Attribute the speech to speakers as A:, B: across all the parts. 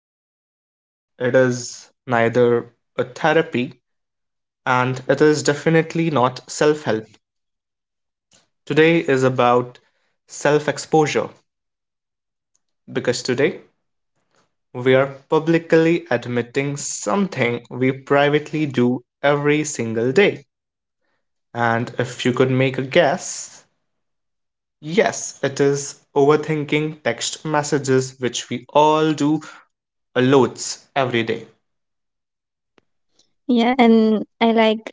A: advice, it is neither a therapy, and it is definitely not self help. Today is about self exposure because today we are publicly admitting something we privately do every single day. And if you could make a guess, yes, it is overthinking text messages, which we all do a loads every day.
B: Yeah, and I like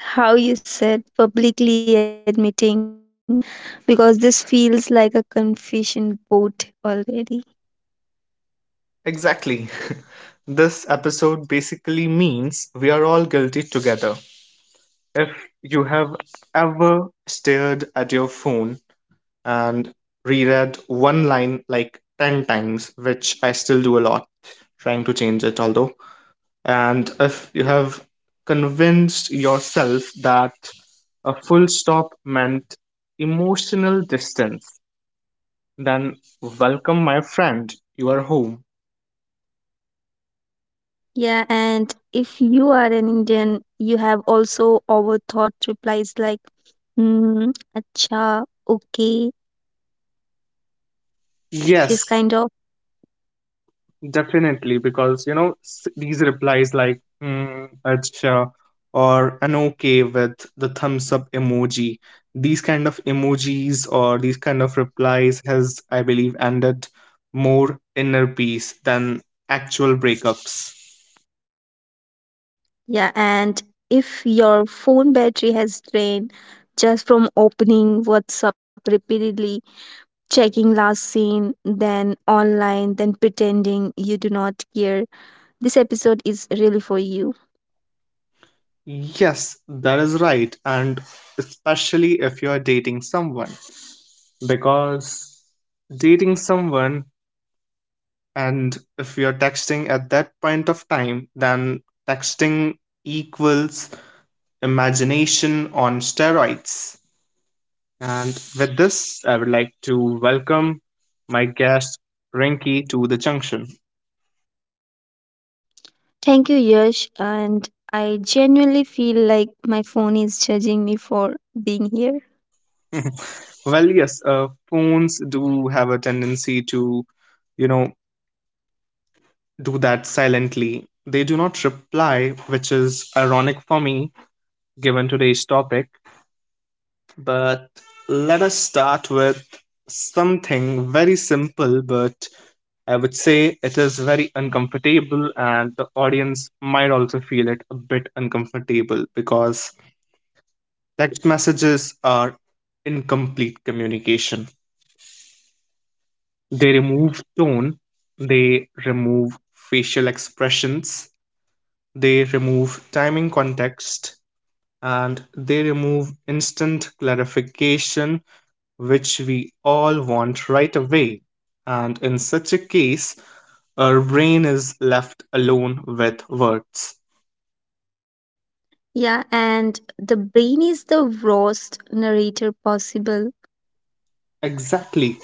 B: how you said publicly admitting because this feels like a confession boat already.
A: Exactly. This episode basically means we are all guilty together. If you have ever stared at your phone and reread one line like 10 times, which I still do a lot, trying to change it, although. And if you have convinced yourself that a full stop meant emotional distance, then welcome, my friend, you are home.
B: Yeah, and if you are an Indian, you have also overthought replies like hmm, acha, okay, this
A: Yes.
B: kind of.
A: Definitely, because these replies like mm, "acha" or an "okay" with the thumbs up emoji. These kind of emojis or these kind of replies has, I believe, ended more inner peace than actual breakups.
B: Yeah, and if your phone battery has drained just from opening WhatsApp repeatedly, checking last seen, then online, then pretending you do not care, this episode is really for you.
A: Yes, that is right, and especially if you are dating someone, because dating someone and if we are texting at that point of time, then texting equals imagination on steroids. And with this I would like to welcome my guest Rinky to the junction.
B: Thank you, Yash. And I genuinely feel like my phone is judging me for being here.
A: Well yes, phones do have a tendency to, you know, do that silently. They do not reply, which is ironic for me given today's topic. But let us start with something very simple, but I would say it is very uncomfortable, and the audience might also feel it a bit uncomfortable because text messages are incomplete communication. They remove tone, they remove facial expressions, they remove timing context, and they remove instant clarification which we all want right away. And in such a case, our brain is left alone with words.
B: Yeah, and the brain is the worst narrator possible.
A: Exactly.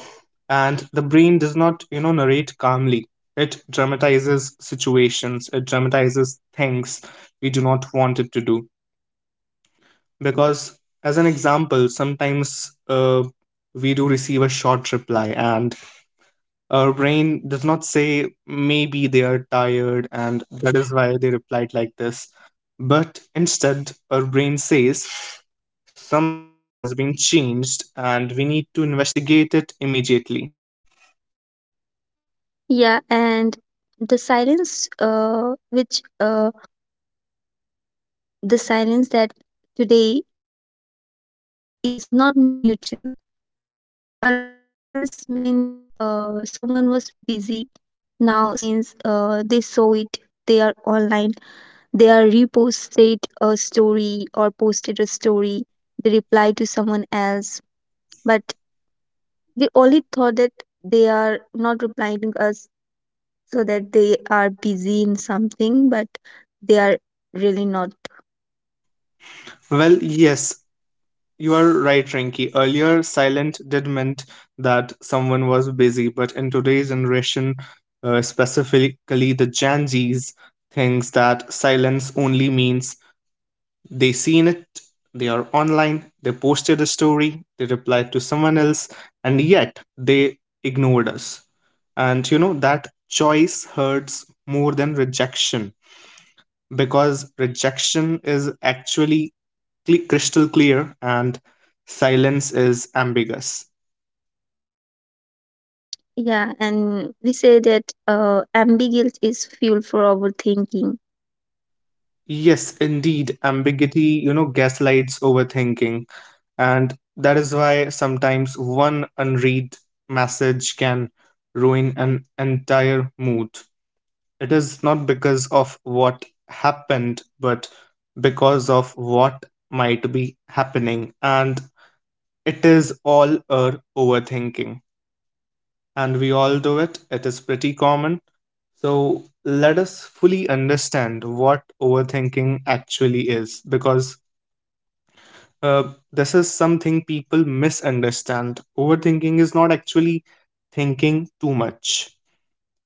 A: And the brain does not, you know, narrate calmly. It dramatizes situations, it dramatizes things we do not want it to do. Because, as an example, sometimes we do receive a short reply, and our brain does not say maybe they are tired and that is why they replied like this. But instead, our brain says something has been changed and we need to investigate it immediately.
B: Yeah, and the silence, which the silence that today is not neutral. Earlier, silence means someone was busy. Now, silence means they saw it, they are online, they are reposted a story or posted a story. They reply to someone else, but we only thought that they are not replying to us so that they are busy in something, but they are really not.
A: Well, yes, you are right, Rinky. Earlier, silent did meant that someone was busy, but in today's generation, specifically the Gen Zs, thinks that silence only means they seen it, they are online, they posted a story, they replied to someone else, and yet they ignored us. And you know that choice hurts more than rejection, because rejection is actually crystal clear and silence is ambiguous.
B: Yeah, and we say that ambiguity is fuel for overthinking.
A: Yes, indeed. Ambiguity, you know, gaslights overthinking. And that is why sometimes one unread message can ruin an entire mood. It is not because of what happened, but because of what might be happening. And it is all our overthinking. And we all do it, it is pretty common. So let us fully understand what overthinking actually is, because Uh, this is something people misunderstand. Overthinking is not actually thinking too much.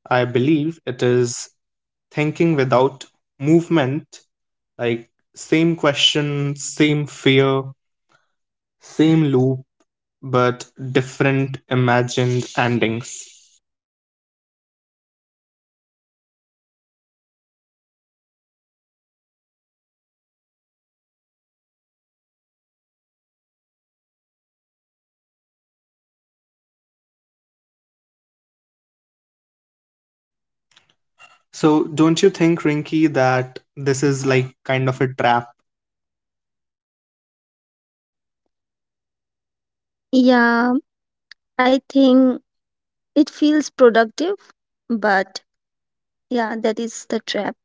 A: I believe it is thinking without movement, like same question, same fear, same loop, but different imagined endings. So, don't you think, Rinky, that this is like kind of a trap?
B: Yeah, I think it feels productive, but yeah, that is the trap.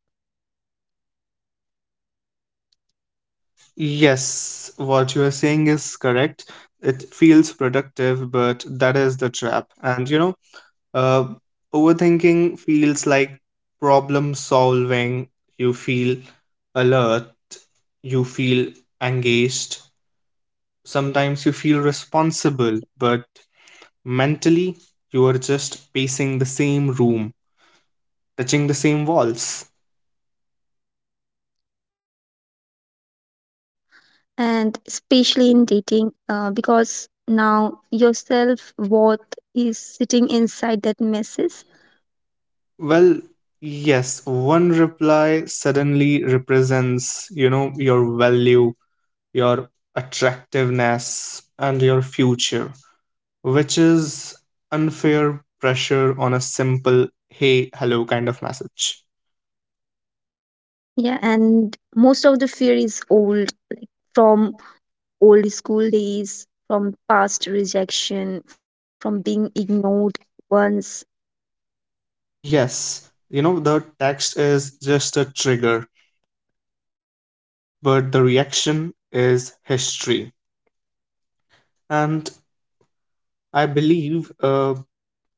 A: Yes, what you are saying is correct. It feels productive, but that is the trap. And you know, Uh, overthinking feels like problem solving. You feel alert, you feel engaged. Sometimes you feel responsible, but mentally, you are just pacing the same room, touching the same walls.
B: And especially in dating, because now your self worth is sitting inside that messes.
A: Well, yes, one reply suddenly represents, you know, your value, your attractiveness, and your future, which is unfair pressure on a simple hey, hello kind of message.
B: Yeah, and most of the fear is old, from old school days, from past rejection, from being ignored once.
A: Yes, you know, the text is just a trigger, but the reaction is history. And I believe,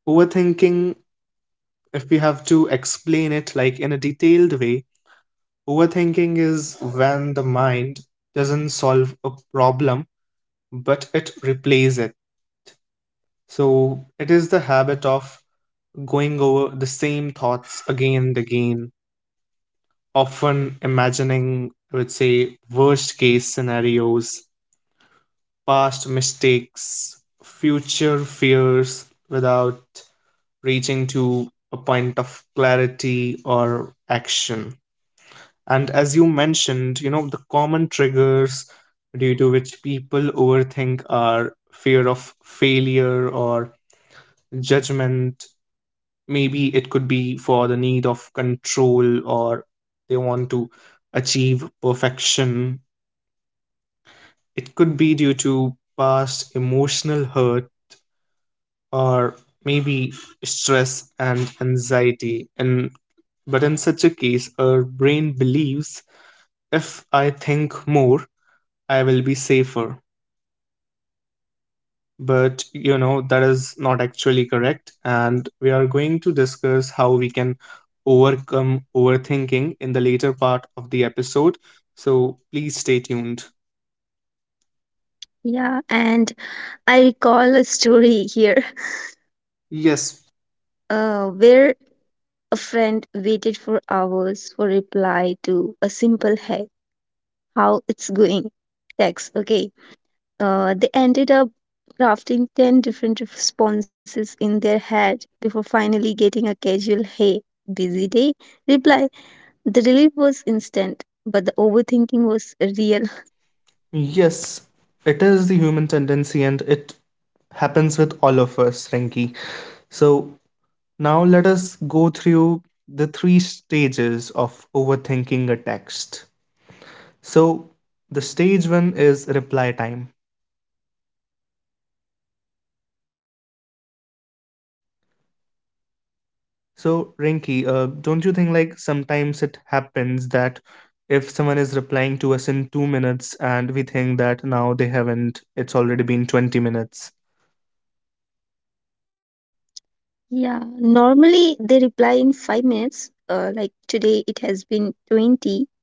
A: overthinking, if we have to explain it like in a detailed way, overthinking is when the mind doesn't solve a problem but it replaces it. So it is the habit of going over the same thoughts again and again, often imagining, I would say, worst case scenarios, past mistakes, future fears, without reaching to a point of clarity or action. And as you mentioned, you know, the common triggers due to which people overthink are fear of failure or judgment. Maybe it could be for the need of control, or they want to achieve perfection. It could be due to past emotional hurt, or maybe stress and anxiety. And but in such a case our brain believes, if I think more, I will be safer. But you know that is not actually correct, and we are going to discuss how we can overcome overthinking in the later part of the episode, so please stay tuned.
B: Yeah, and I recall a story here.
A: Yes,
B: Where a friend waited for hours for reply to a simple, hey, how it's going text, okay. They ended up crafting 10 different responses in their head before finally getting a casual, hey, busy day reply. The relief was instant, but the overthinking was real.
A: yes it is the human tendency and it happens with all of us, Rinki. So now let us go through the three stages of overthinking a text. So the stage one is reply time. So, Rinky, don't you think like sometimes it happens that if someone is replying to us in 2 minutes and we think that now they haven't, it's already been 20 minutes?
B: Yeah, normally they reply in 5 minutes. Like today, it has been 20.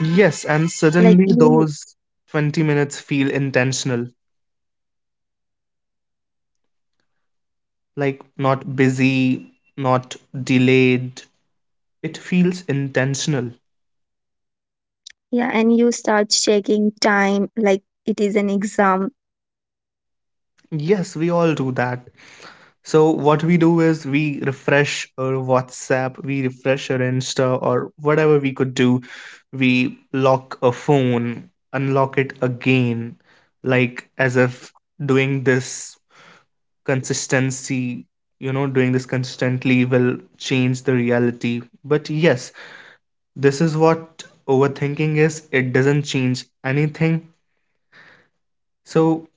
A: Yes, and suddenly
B: Like you,
A: those 20 minutes feel intentional, like not busy, not delayed. It feels intentional.
B: yeah, and you start checking time like it is an exam.
A: Yes, we all do that. So what we do is we refresh our WhatsApp, we refresh our Insta, or whatever we could do. We lock a phone, unlock it again, like as if doing this consistency, you know, doing this consistently will change the reality. But yes, this is what overthinking is. It doesn't change anything. So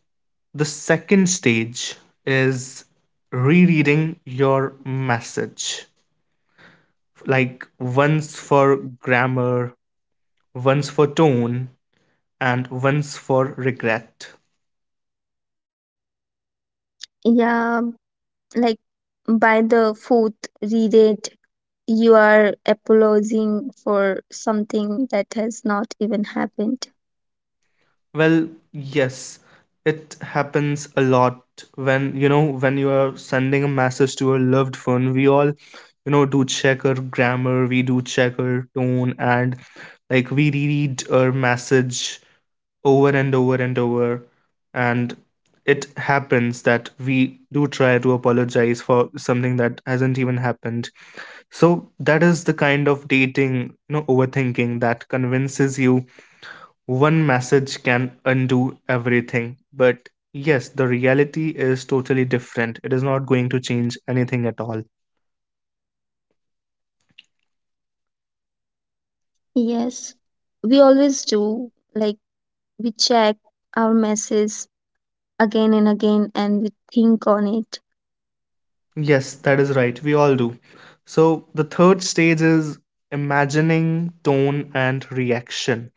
A: the second stage is rereading your message, like one's for grammar, one's for tone, and one's for regret.
B: Yeah, like by the fourth reread, you are apologizing for something that has not even happened.
A: Well, yes, it happens a lot when, you know, when you are sending a message to a loved one. We all, you know, do check our grammar, we do check our tone, and like we reread our message over and over and over, and it happens that we do try to apologize for something that hasn't even happened. So that is the kind of dating, you know, overthinking that convinces you one message can undo everything. But yes, the reality is totally different. It is not going to change anything at all.
B: Yes, we always do, like we check our messages again and again and we think on it.
A: Yes, that is right. We all do. So the third stage is imagining tone and reaction.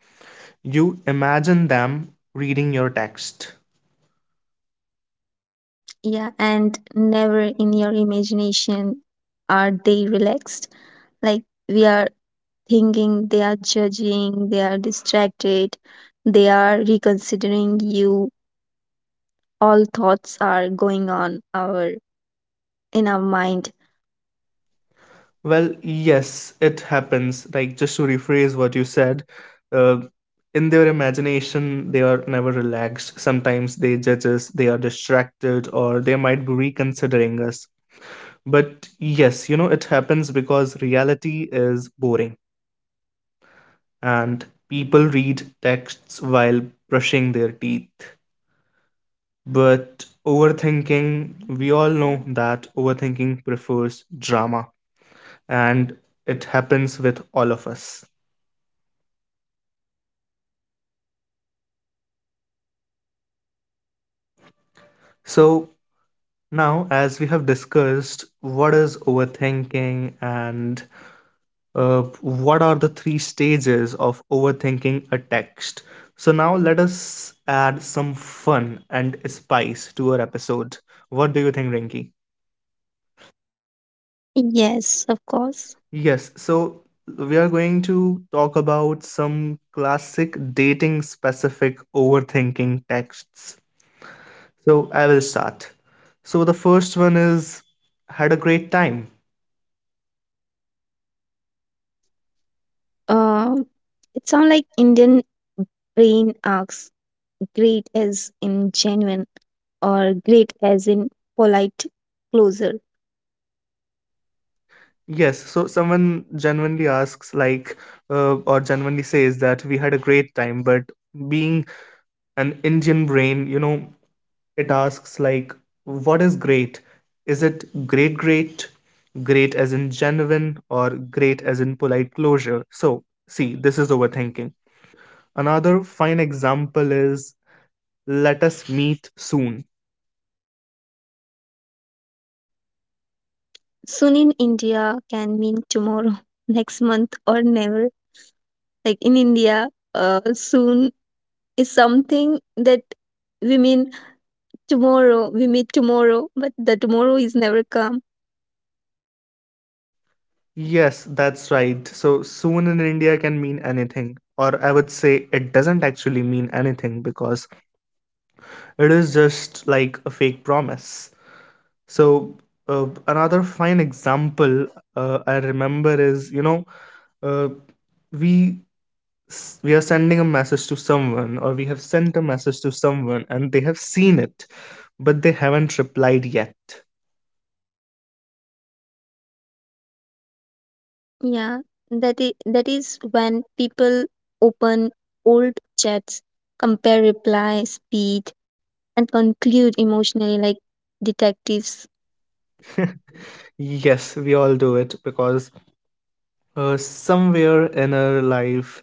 A: You imagine them reading your text.
B: Yeah, and never in your imagination are they relaxed. Like we are thinking they are judging, they are distracted, they are reconsidering you, all thoughts are going on our in our mind.
A: Well, yes, it happens. Like, just to rephrase what you said, uh, in their imagination, they are never relaxed. Sometimes they judge us, they are distracted, or they might be reconsidering us. But yes, you know, it happens because reality is boring and people read texts while brushing their teeth. But overthinking, we all know that overthinking prefers drama, and it happens with all of us. So, now, as we have discussed what is overthinking and what are the three stages of overthinking a text. So, now let us add some fun and spice to our episode. What do you think, Rinky?
B: Yes, of course.
A: Yes, so we are going to talk about some classic dating specific overthinking texts. So, I will start. So, the first one is had a great time.
B: Um, it sounds like Indian brain asks great as in genuine or great as in polite closer.
A: Yes, so someone genuinely asks, like, or genuinely says that we had a great time, but being an Indian brain, you know, it asks, like, what is great? Is it great, great, great as in genuine, or great as in polite closure? So, see, this is overthinking. Another fine example is, let us meet soon.
B: Soon in India can mean tomorrow, next month, or never. Like in India, soon is something that we mean tomorrow, we meet tomorrow, but the tomorrow is never come.
A: Yes, that's right. So soon in India can mean anything, or I would say it doesn't actually mean anything because it is just like a fake promise. So another fine example I remember is, you know, uh, we we are sending a message to someone, or we have sent a message to someone and they have seen it, but they haven't replied yet.
B: Yeah, that is when people open old chats, compare reply speed, and conclude emotionally like detectives.
A: Yes, we all do it because somewhere in our life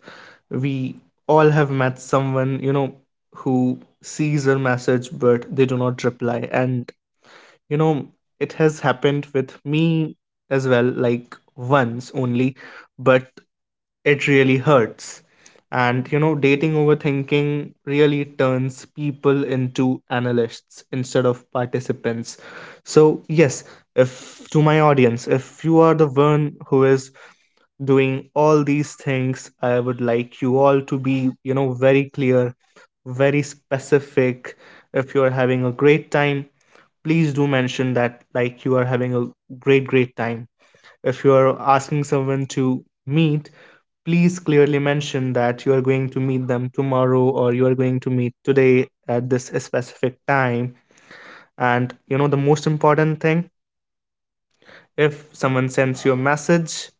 A: we all have met someone who sees our message, but they do not reply. And you know it has happened with me as well, like once only, but it really hurts. And dating overthinking really turns people into analysts instead of participants. So yes, if to my audience, if you are the one who is doing all these things, I would like you all to be very clear, very specific. If you're having a great time, please do mention that, like you are having a great, great time. If you are asking someone to meet, please clearly mention that you are going to meet them tomorrow or you are going to meet today at this specific time. And the most important thing, if someone sends you a message,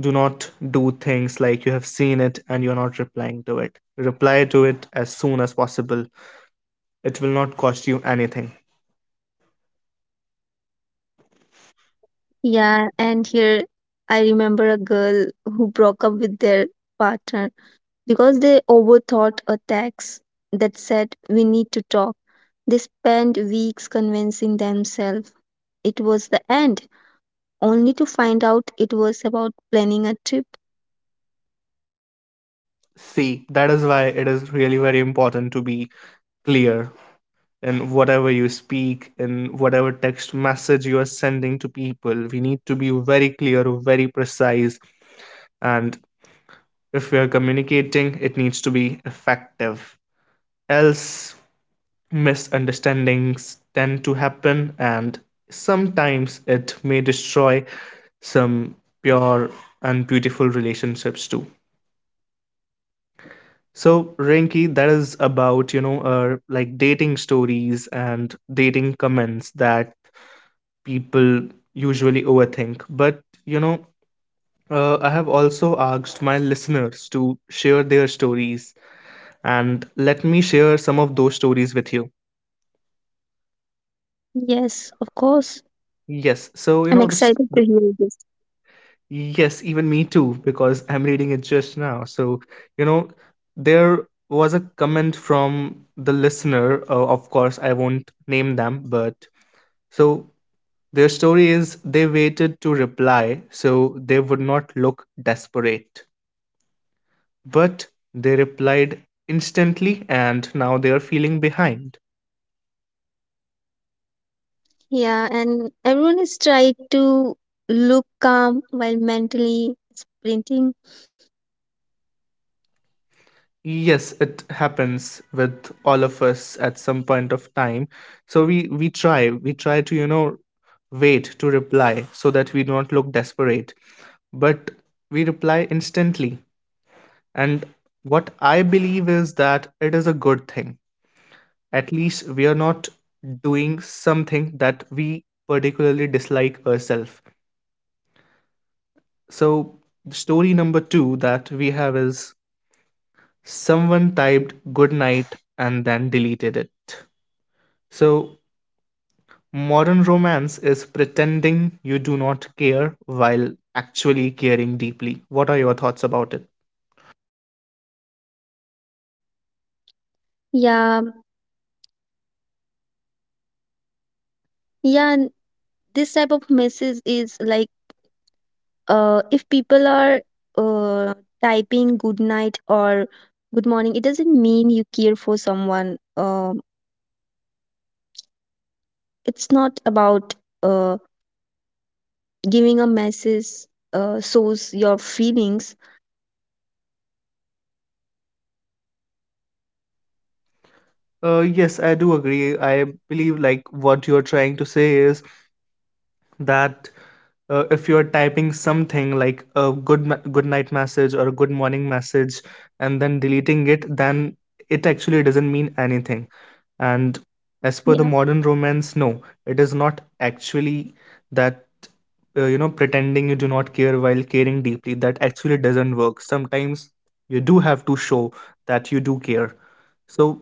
A: do not do things like you have seen it and you're not replying to it. Reply to it as soon as possible. It will not cost you anything.
B: Yeah, and here I remember a girl who broke up with their partner because they overthought a text that said, we need to talk. They spent weeks convincing themselves it was the end, only to find out it was about planning a trip.
A: See, that is why it is really very important to be clear in whatever you speak, in whatever text message you are sending to people. We need to be very clear, very precise, and if we are communicating, it needs to be effective. Else, misunderstandings tend to happen, and sometimes it may destroy some pure and beautiful relationships too. So, Rinki, that is about, like dating stories and dating comments that people usually overthink. But, I have also asked my listeners to share their stories, and let me share some of those stories with you.
B: Yes, of course.
A: Yes, so,
B: I'm excited to hear this.
A: yes, even me too, because I'm reading it just now. So, you know, there was a comment from the listener. Of course, I won't name them, but. So their story is, they waited to reply so they would not look desperate. But they replied instantly and now they are feeling behind.
B: Yeah, and everyone is trying to look calm while mentally sprinting.
A: Yes, it happens with all of us at some point of time. So we try to, wait to reply so that we don't look desperate. But we reply instantly. And what I believe is that it is a good thing, at least we are not doing something that we particularly dislike ourselves. So, story number two that we have is, someone typed good night and then deleted it. So, modern romance is pretending you do not care while actually caring deeply. What are your thoughts about it?
B: Yeah, yeah, and this type of message is like if people are uh typing good night or good morning, it doesn't mean you care for someone. It's not about uh giving a message shows your feelings.
A: Yes, I do agree. I believe, like, what you're trying to say is that if you're typing something like a good night message or a good morning message and then deleting it, then it actually doesn't mean anything. And
B: Yeah.
A: as per the modern romance, no, it is not actually that pretending you do not care while caring deeply, that actually doesn't work sometimes. You do have to show that you do care. So,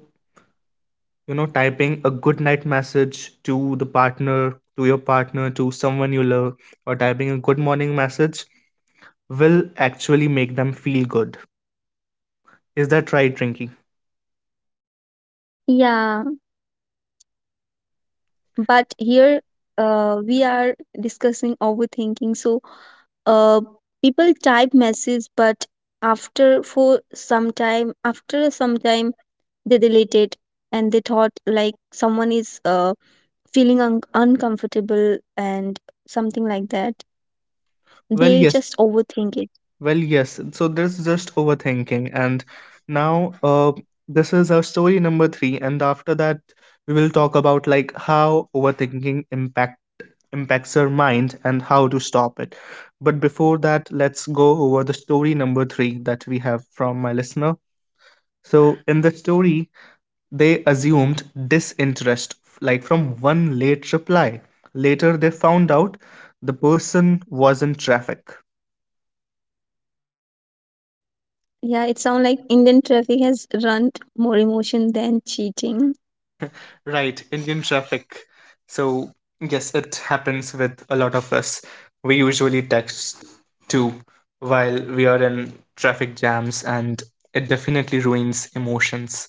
A: typing a good night message to the partner, to your partner, to someone you love, or typing a good morning message will actually make them feel good. Is that right, Rinky?
B: Yeah. But here, we are discussing overthinking, so uh, people type messages, but after some time they delete it and they thought like someone is feeling uncomfortable and something like that.
A: Well,
B: They
A: yes.
B: just overthink it.
A: Well, yes. So this is just overthinking. And now, this is our story number 3, and after that we will talk about, like, how overthinking impact impacts our mind and how to stop it. But before that, let's go over the story number 3 that we have from my listener. So in the story, they assumed disinterest, like from one late reply. Later, they found out the person was in traffic.
B: Yeah, it sounds like Indian traffic has run more emotion than cheating.
A: Right, Indian traffic. So, yes, it happens with a lot of us. We usually text too while we are in traffic jams, and it definitely ruins emotions.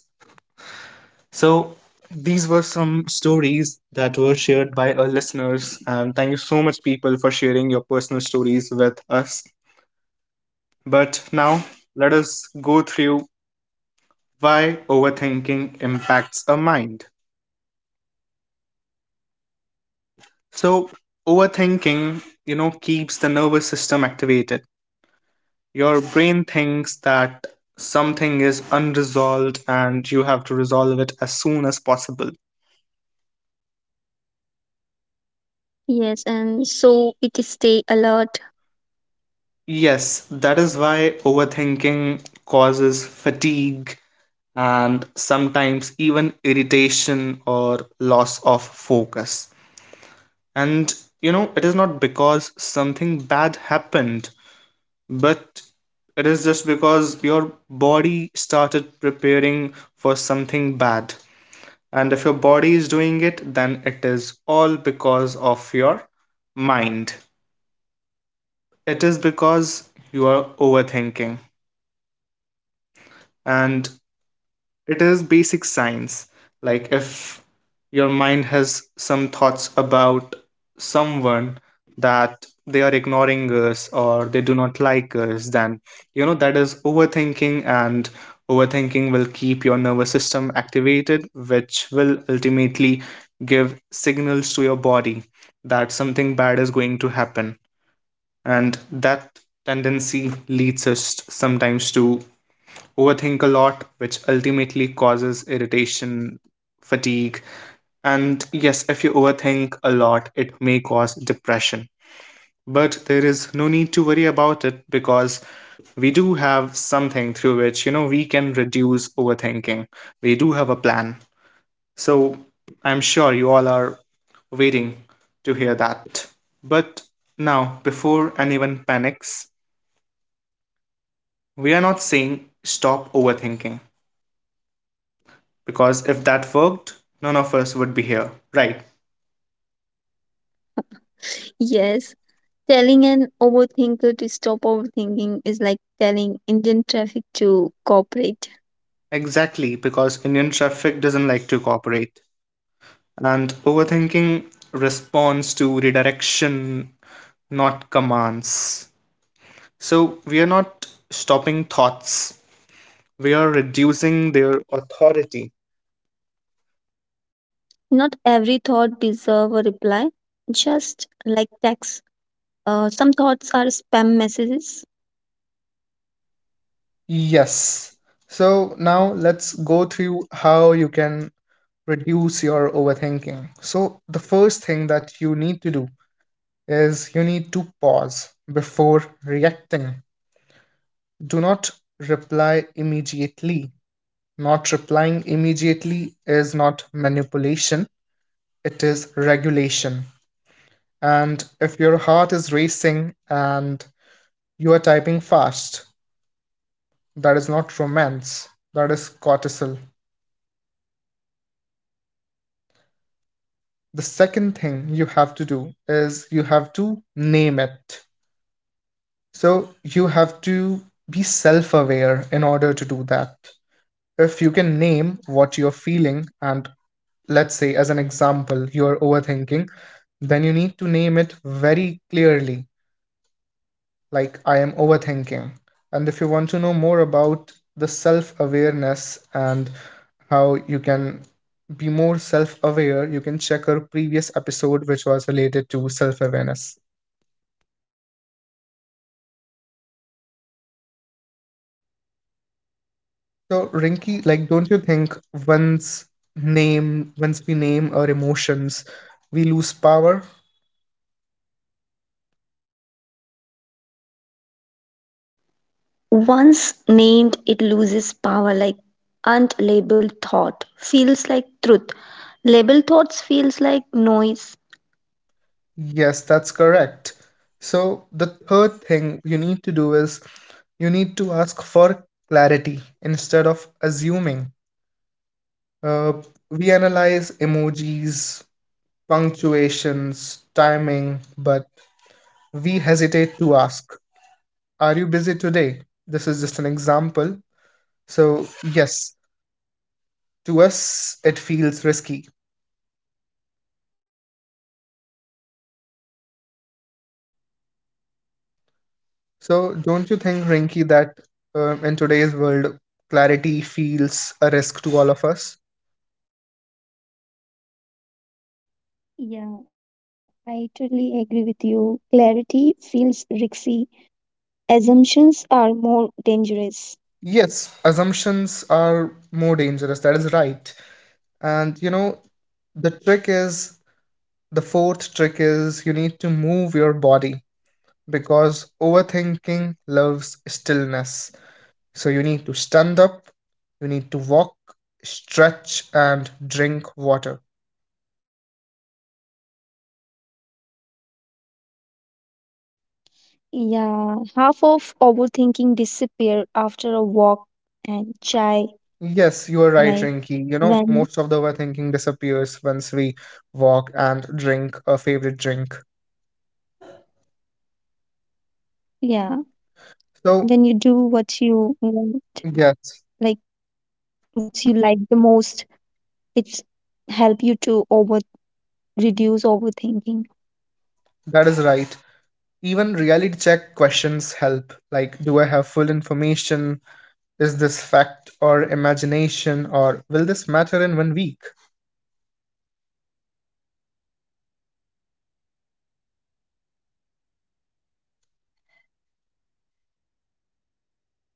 A: So these were some stories that were shared by our listeners, and thank you so much, people, for sharing your personal stories with us. But now let us go through why overthinking impacts our mind. So overthinking, keeps the nervous system activated. Your brain thinks that something is unresolved and you have to resolve it as soon as possible.
B: Yes, and so it is stay alert.
A: Yes, that is why overthinking causes fatigue and sometimes even irritation or loss of focus. And it is not because something bad happened, but it is just because your body started preparing for something bad. And if your body is doing it, then it is all because of your mind. It is because you are overthinking. And it is basic science, like, if your mind has some thoughts about someone that they are ignoring us or they do not like us, then that is overthinking. And overthinking will keep your nervous system activated, which will ultimately give signals to your body that something bad is going to happen. And that tendency leads us sometimes to overthink a lot, which ultimately causes irritation, fatigue, and yes, if you overthink a lot, it may cause depression. But there is no need to worry about it, because we do have something through which, we can reduce overthinking. We do have a plan. So I'm sure you all are waiting to hear that. But now, before anyone panics, we are not saying stop overthinking. Because if that worked, none of us would be here. Right.
B: Yes. Telling an overthinker to stop overthinking is like telling Indian traffic to cooperate.
A: Exactly, because Indian traffic doesn't like to cooperate. And overthinking responds to redirection, not commands. So we are not stopping thoughts, we are reducing their authority.
B: Not every thought deserves a reply, just like text. Some thoughts are spam messages.
A: Yes. So now let's go through how you can reduce your overthinking. So, the first thing that you need to do is, you need to pause before reacting. Do not reply immediately. Not replying immediately is not manipulation, it is regulation. And if your heart is racing and you are typing fast, that is not romance, that is cortisol. The second thing you have to do is, you have to name it. So you have to be self aware in order to do that. If you can name what you're feeling, and let's say, as an example, you're overthinking, then you need to name it very clearly, like, I am overthinking. And if you want to know more about the self awareness and how you can be more self aware, you can check our previous episode which was related to self awareness. So Rinki, like, don't you think, once once we name our emotions, we lose power? Yes, that's correct. So, the third thing you need to do is, you need to ask for clarity instead of assuming. Uh, we analyze emojis, punctuations, timing, but we hesitate to ask, are you busy today? This is just an example. So, yes, to us, it feels risky. So, don't you think, Rinky, that in today's world, clarity feels a risk to all of us?
B: Yeah, I totally agree with you. Clarity feels risky. Assumptions are more dangerous.
A: Yes, assumptions are more dangerous. That is right. And the trick is, the fourth trick is, you need to move your body because overthinking loves stillness. So you need to stand up, you need to walk, stretch, and drink water.
B: Yeah, half of overthinking disappear after a walk and chai.
A: Yes, you are right,
B: Like
A: Rinky.
B: when,
A: Most of the overthinking disappears once we walk and drink a favorite drink.
B: yeah,
A: So,
B: when you do what you want,
A: yes,
B: like what you like the most, it's help you to over reduce overthinking.
A: that is right. Even reality check questions help, like, do I have full information? Is this fact or imagination? Or will this matter in one week?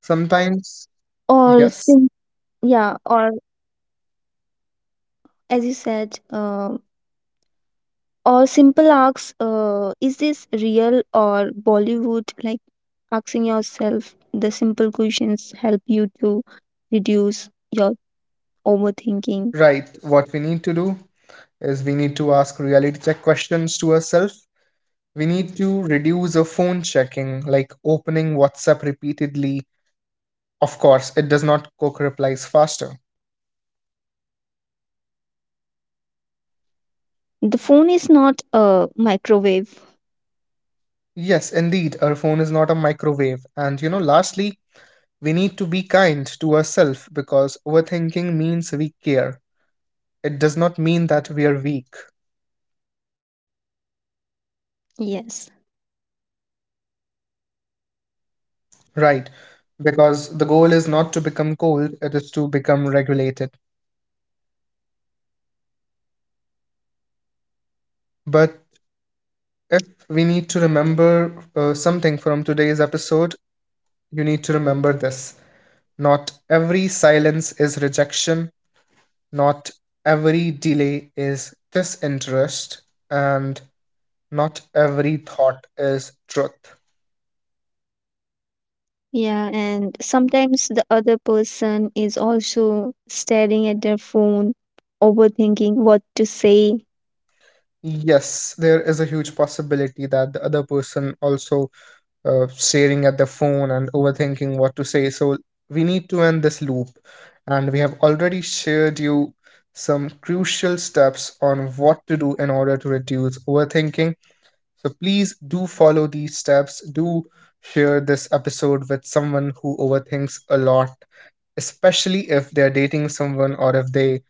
A: Sometimes,
B: Or
A: yes.
B: sim- yeah, or as you said, or simple asks, is this real or Bollywood? Like asking yourself the simple questions help you to reduce your overthinking.
A: Right. What we need to do is, we need to ask reality check questions to ourselves. We need to reduce our phone checking, like opening WhatsApp repeatedly. Of course, it does not cook replies faster.
B: The phone is not a microwave.
A: Yes, indeed, our phone is not a microwave. And, lastly, we need to be kind to ourselves because overthinking means we care. It does not mean that we are weak,
B: Yes.
A: right? Because the goal is not to become cold, it is to become regulated. But if we need to remember something from today's episode, you need to remember this. Not every silence is rejection, not every delay is disinterest, and not every thought is truth.
B: Yeah, and sometimes the other person is also staring at their phone, overthinking what to say,
A: Yes, there is a huge possibility that the other person also staring at their phone and overthinking what to say. So we need to end this loop. And we have already shared you some crucial steps on what to do in order to reduce overthinking. So please do follow these steps. Do share this episode with someone who overthinks a lot, especially if they're dating someone or if they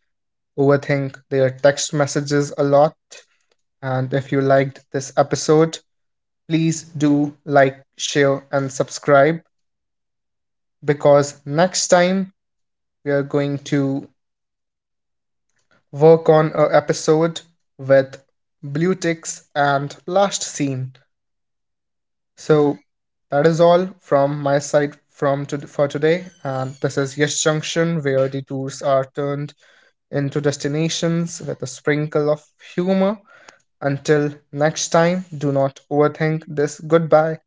A: overthink their text messages a lot. And if you liked this episode, please do like, share, and subscribe, because next time we are going to work on a episode with blue ticks and last scene. So that is all from my side, for today. And this is Yes Junction, where detours are turned into destinations with a sprinkle of humor. Until next time, do not overthink this. Goodbye.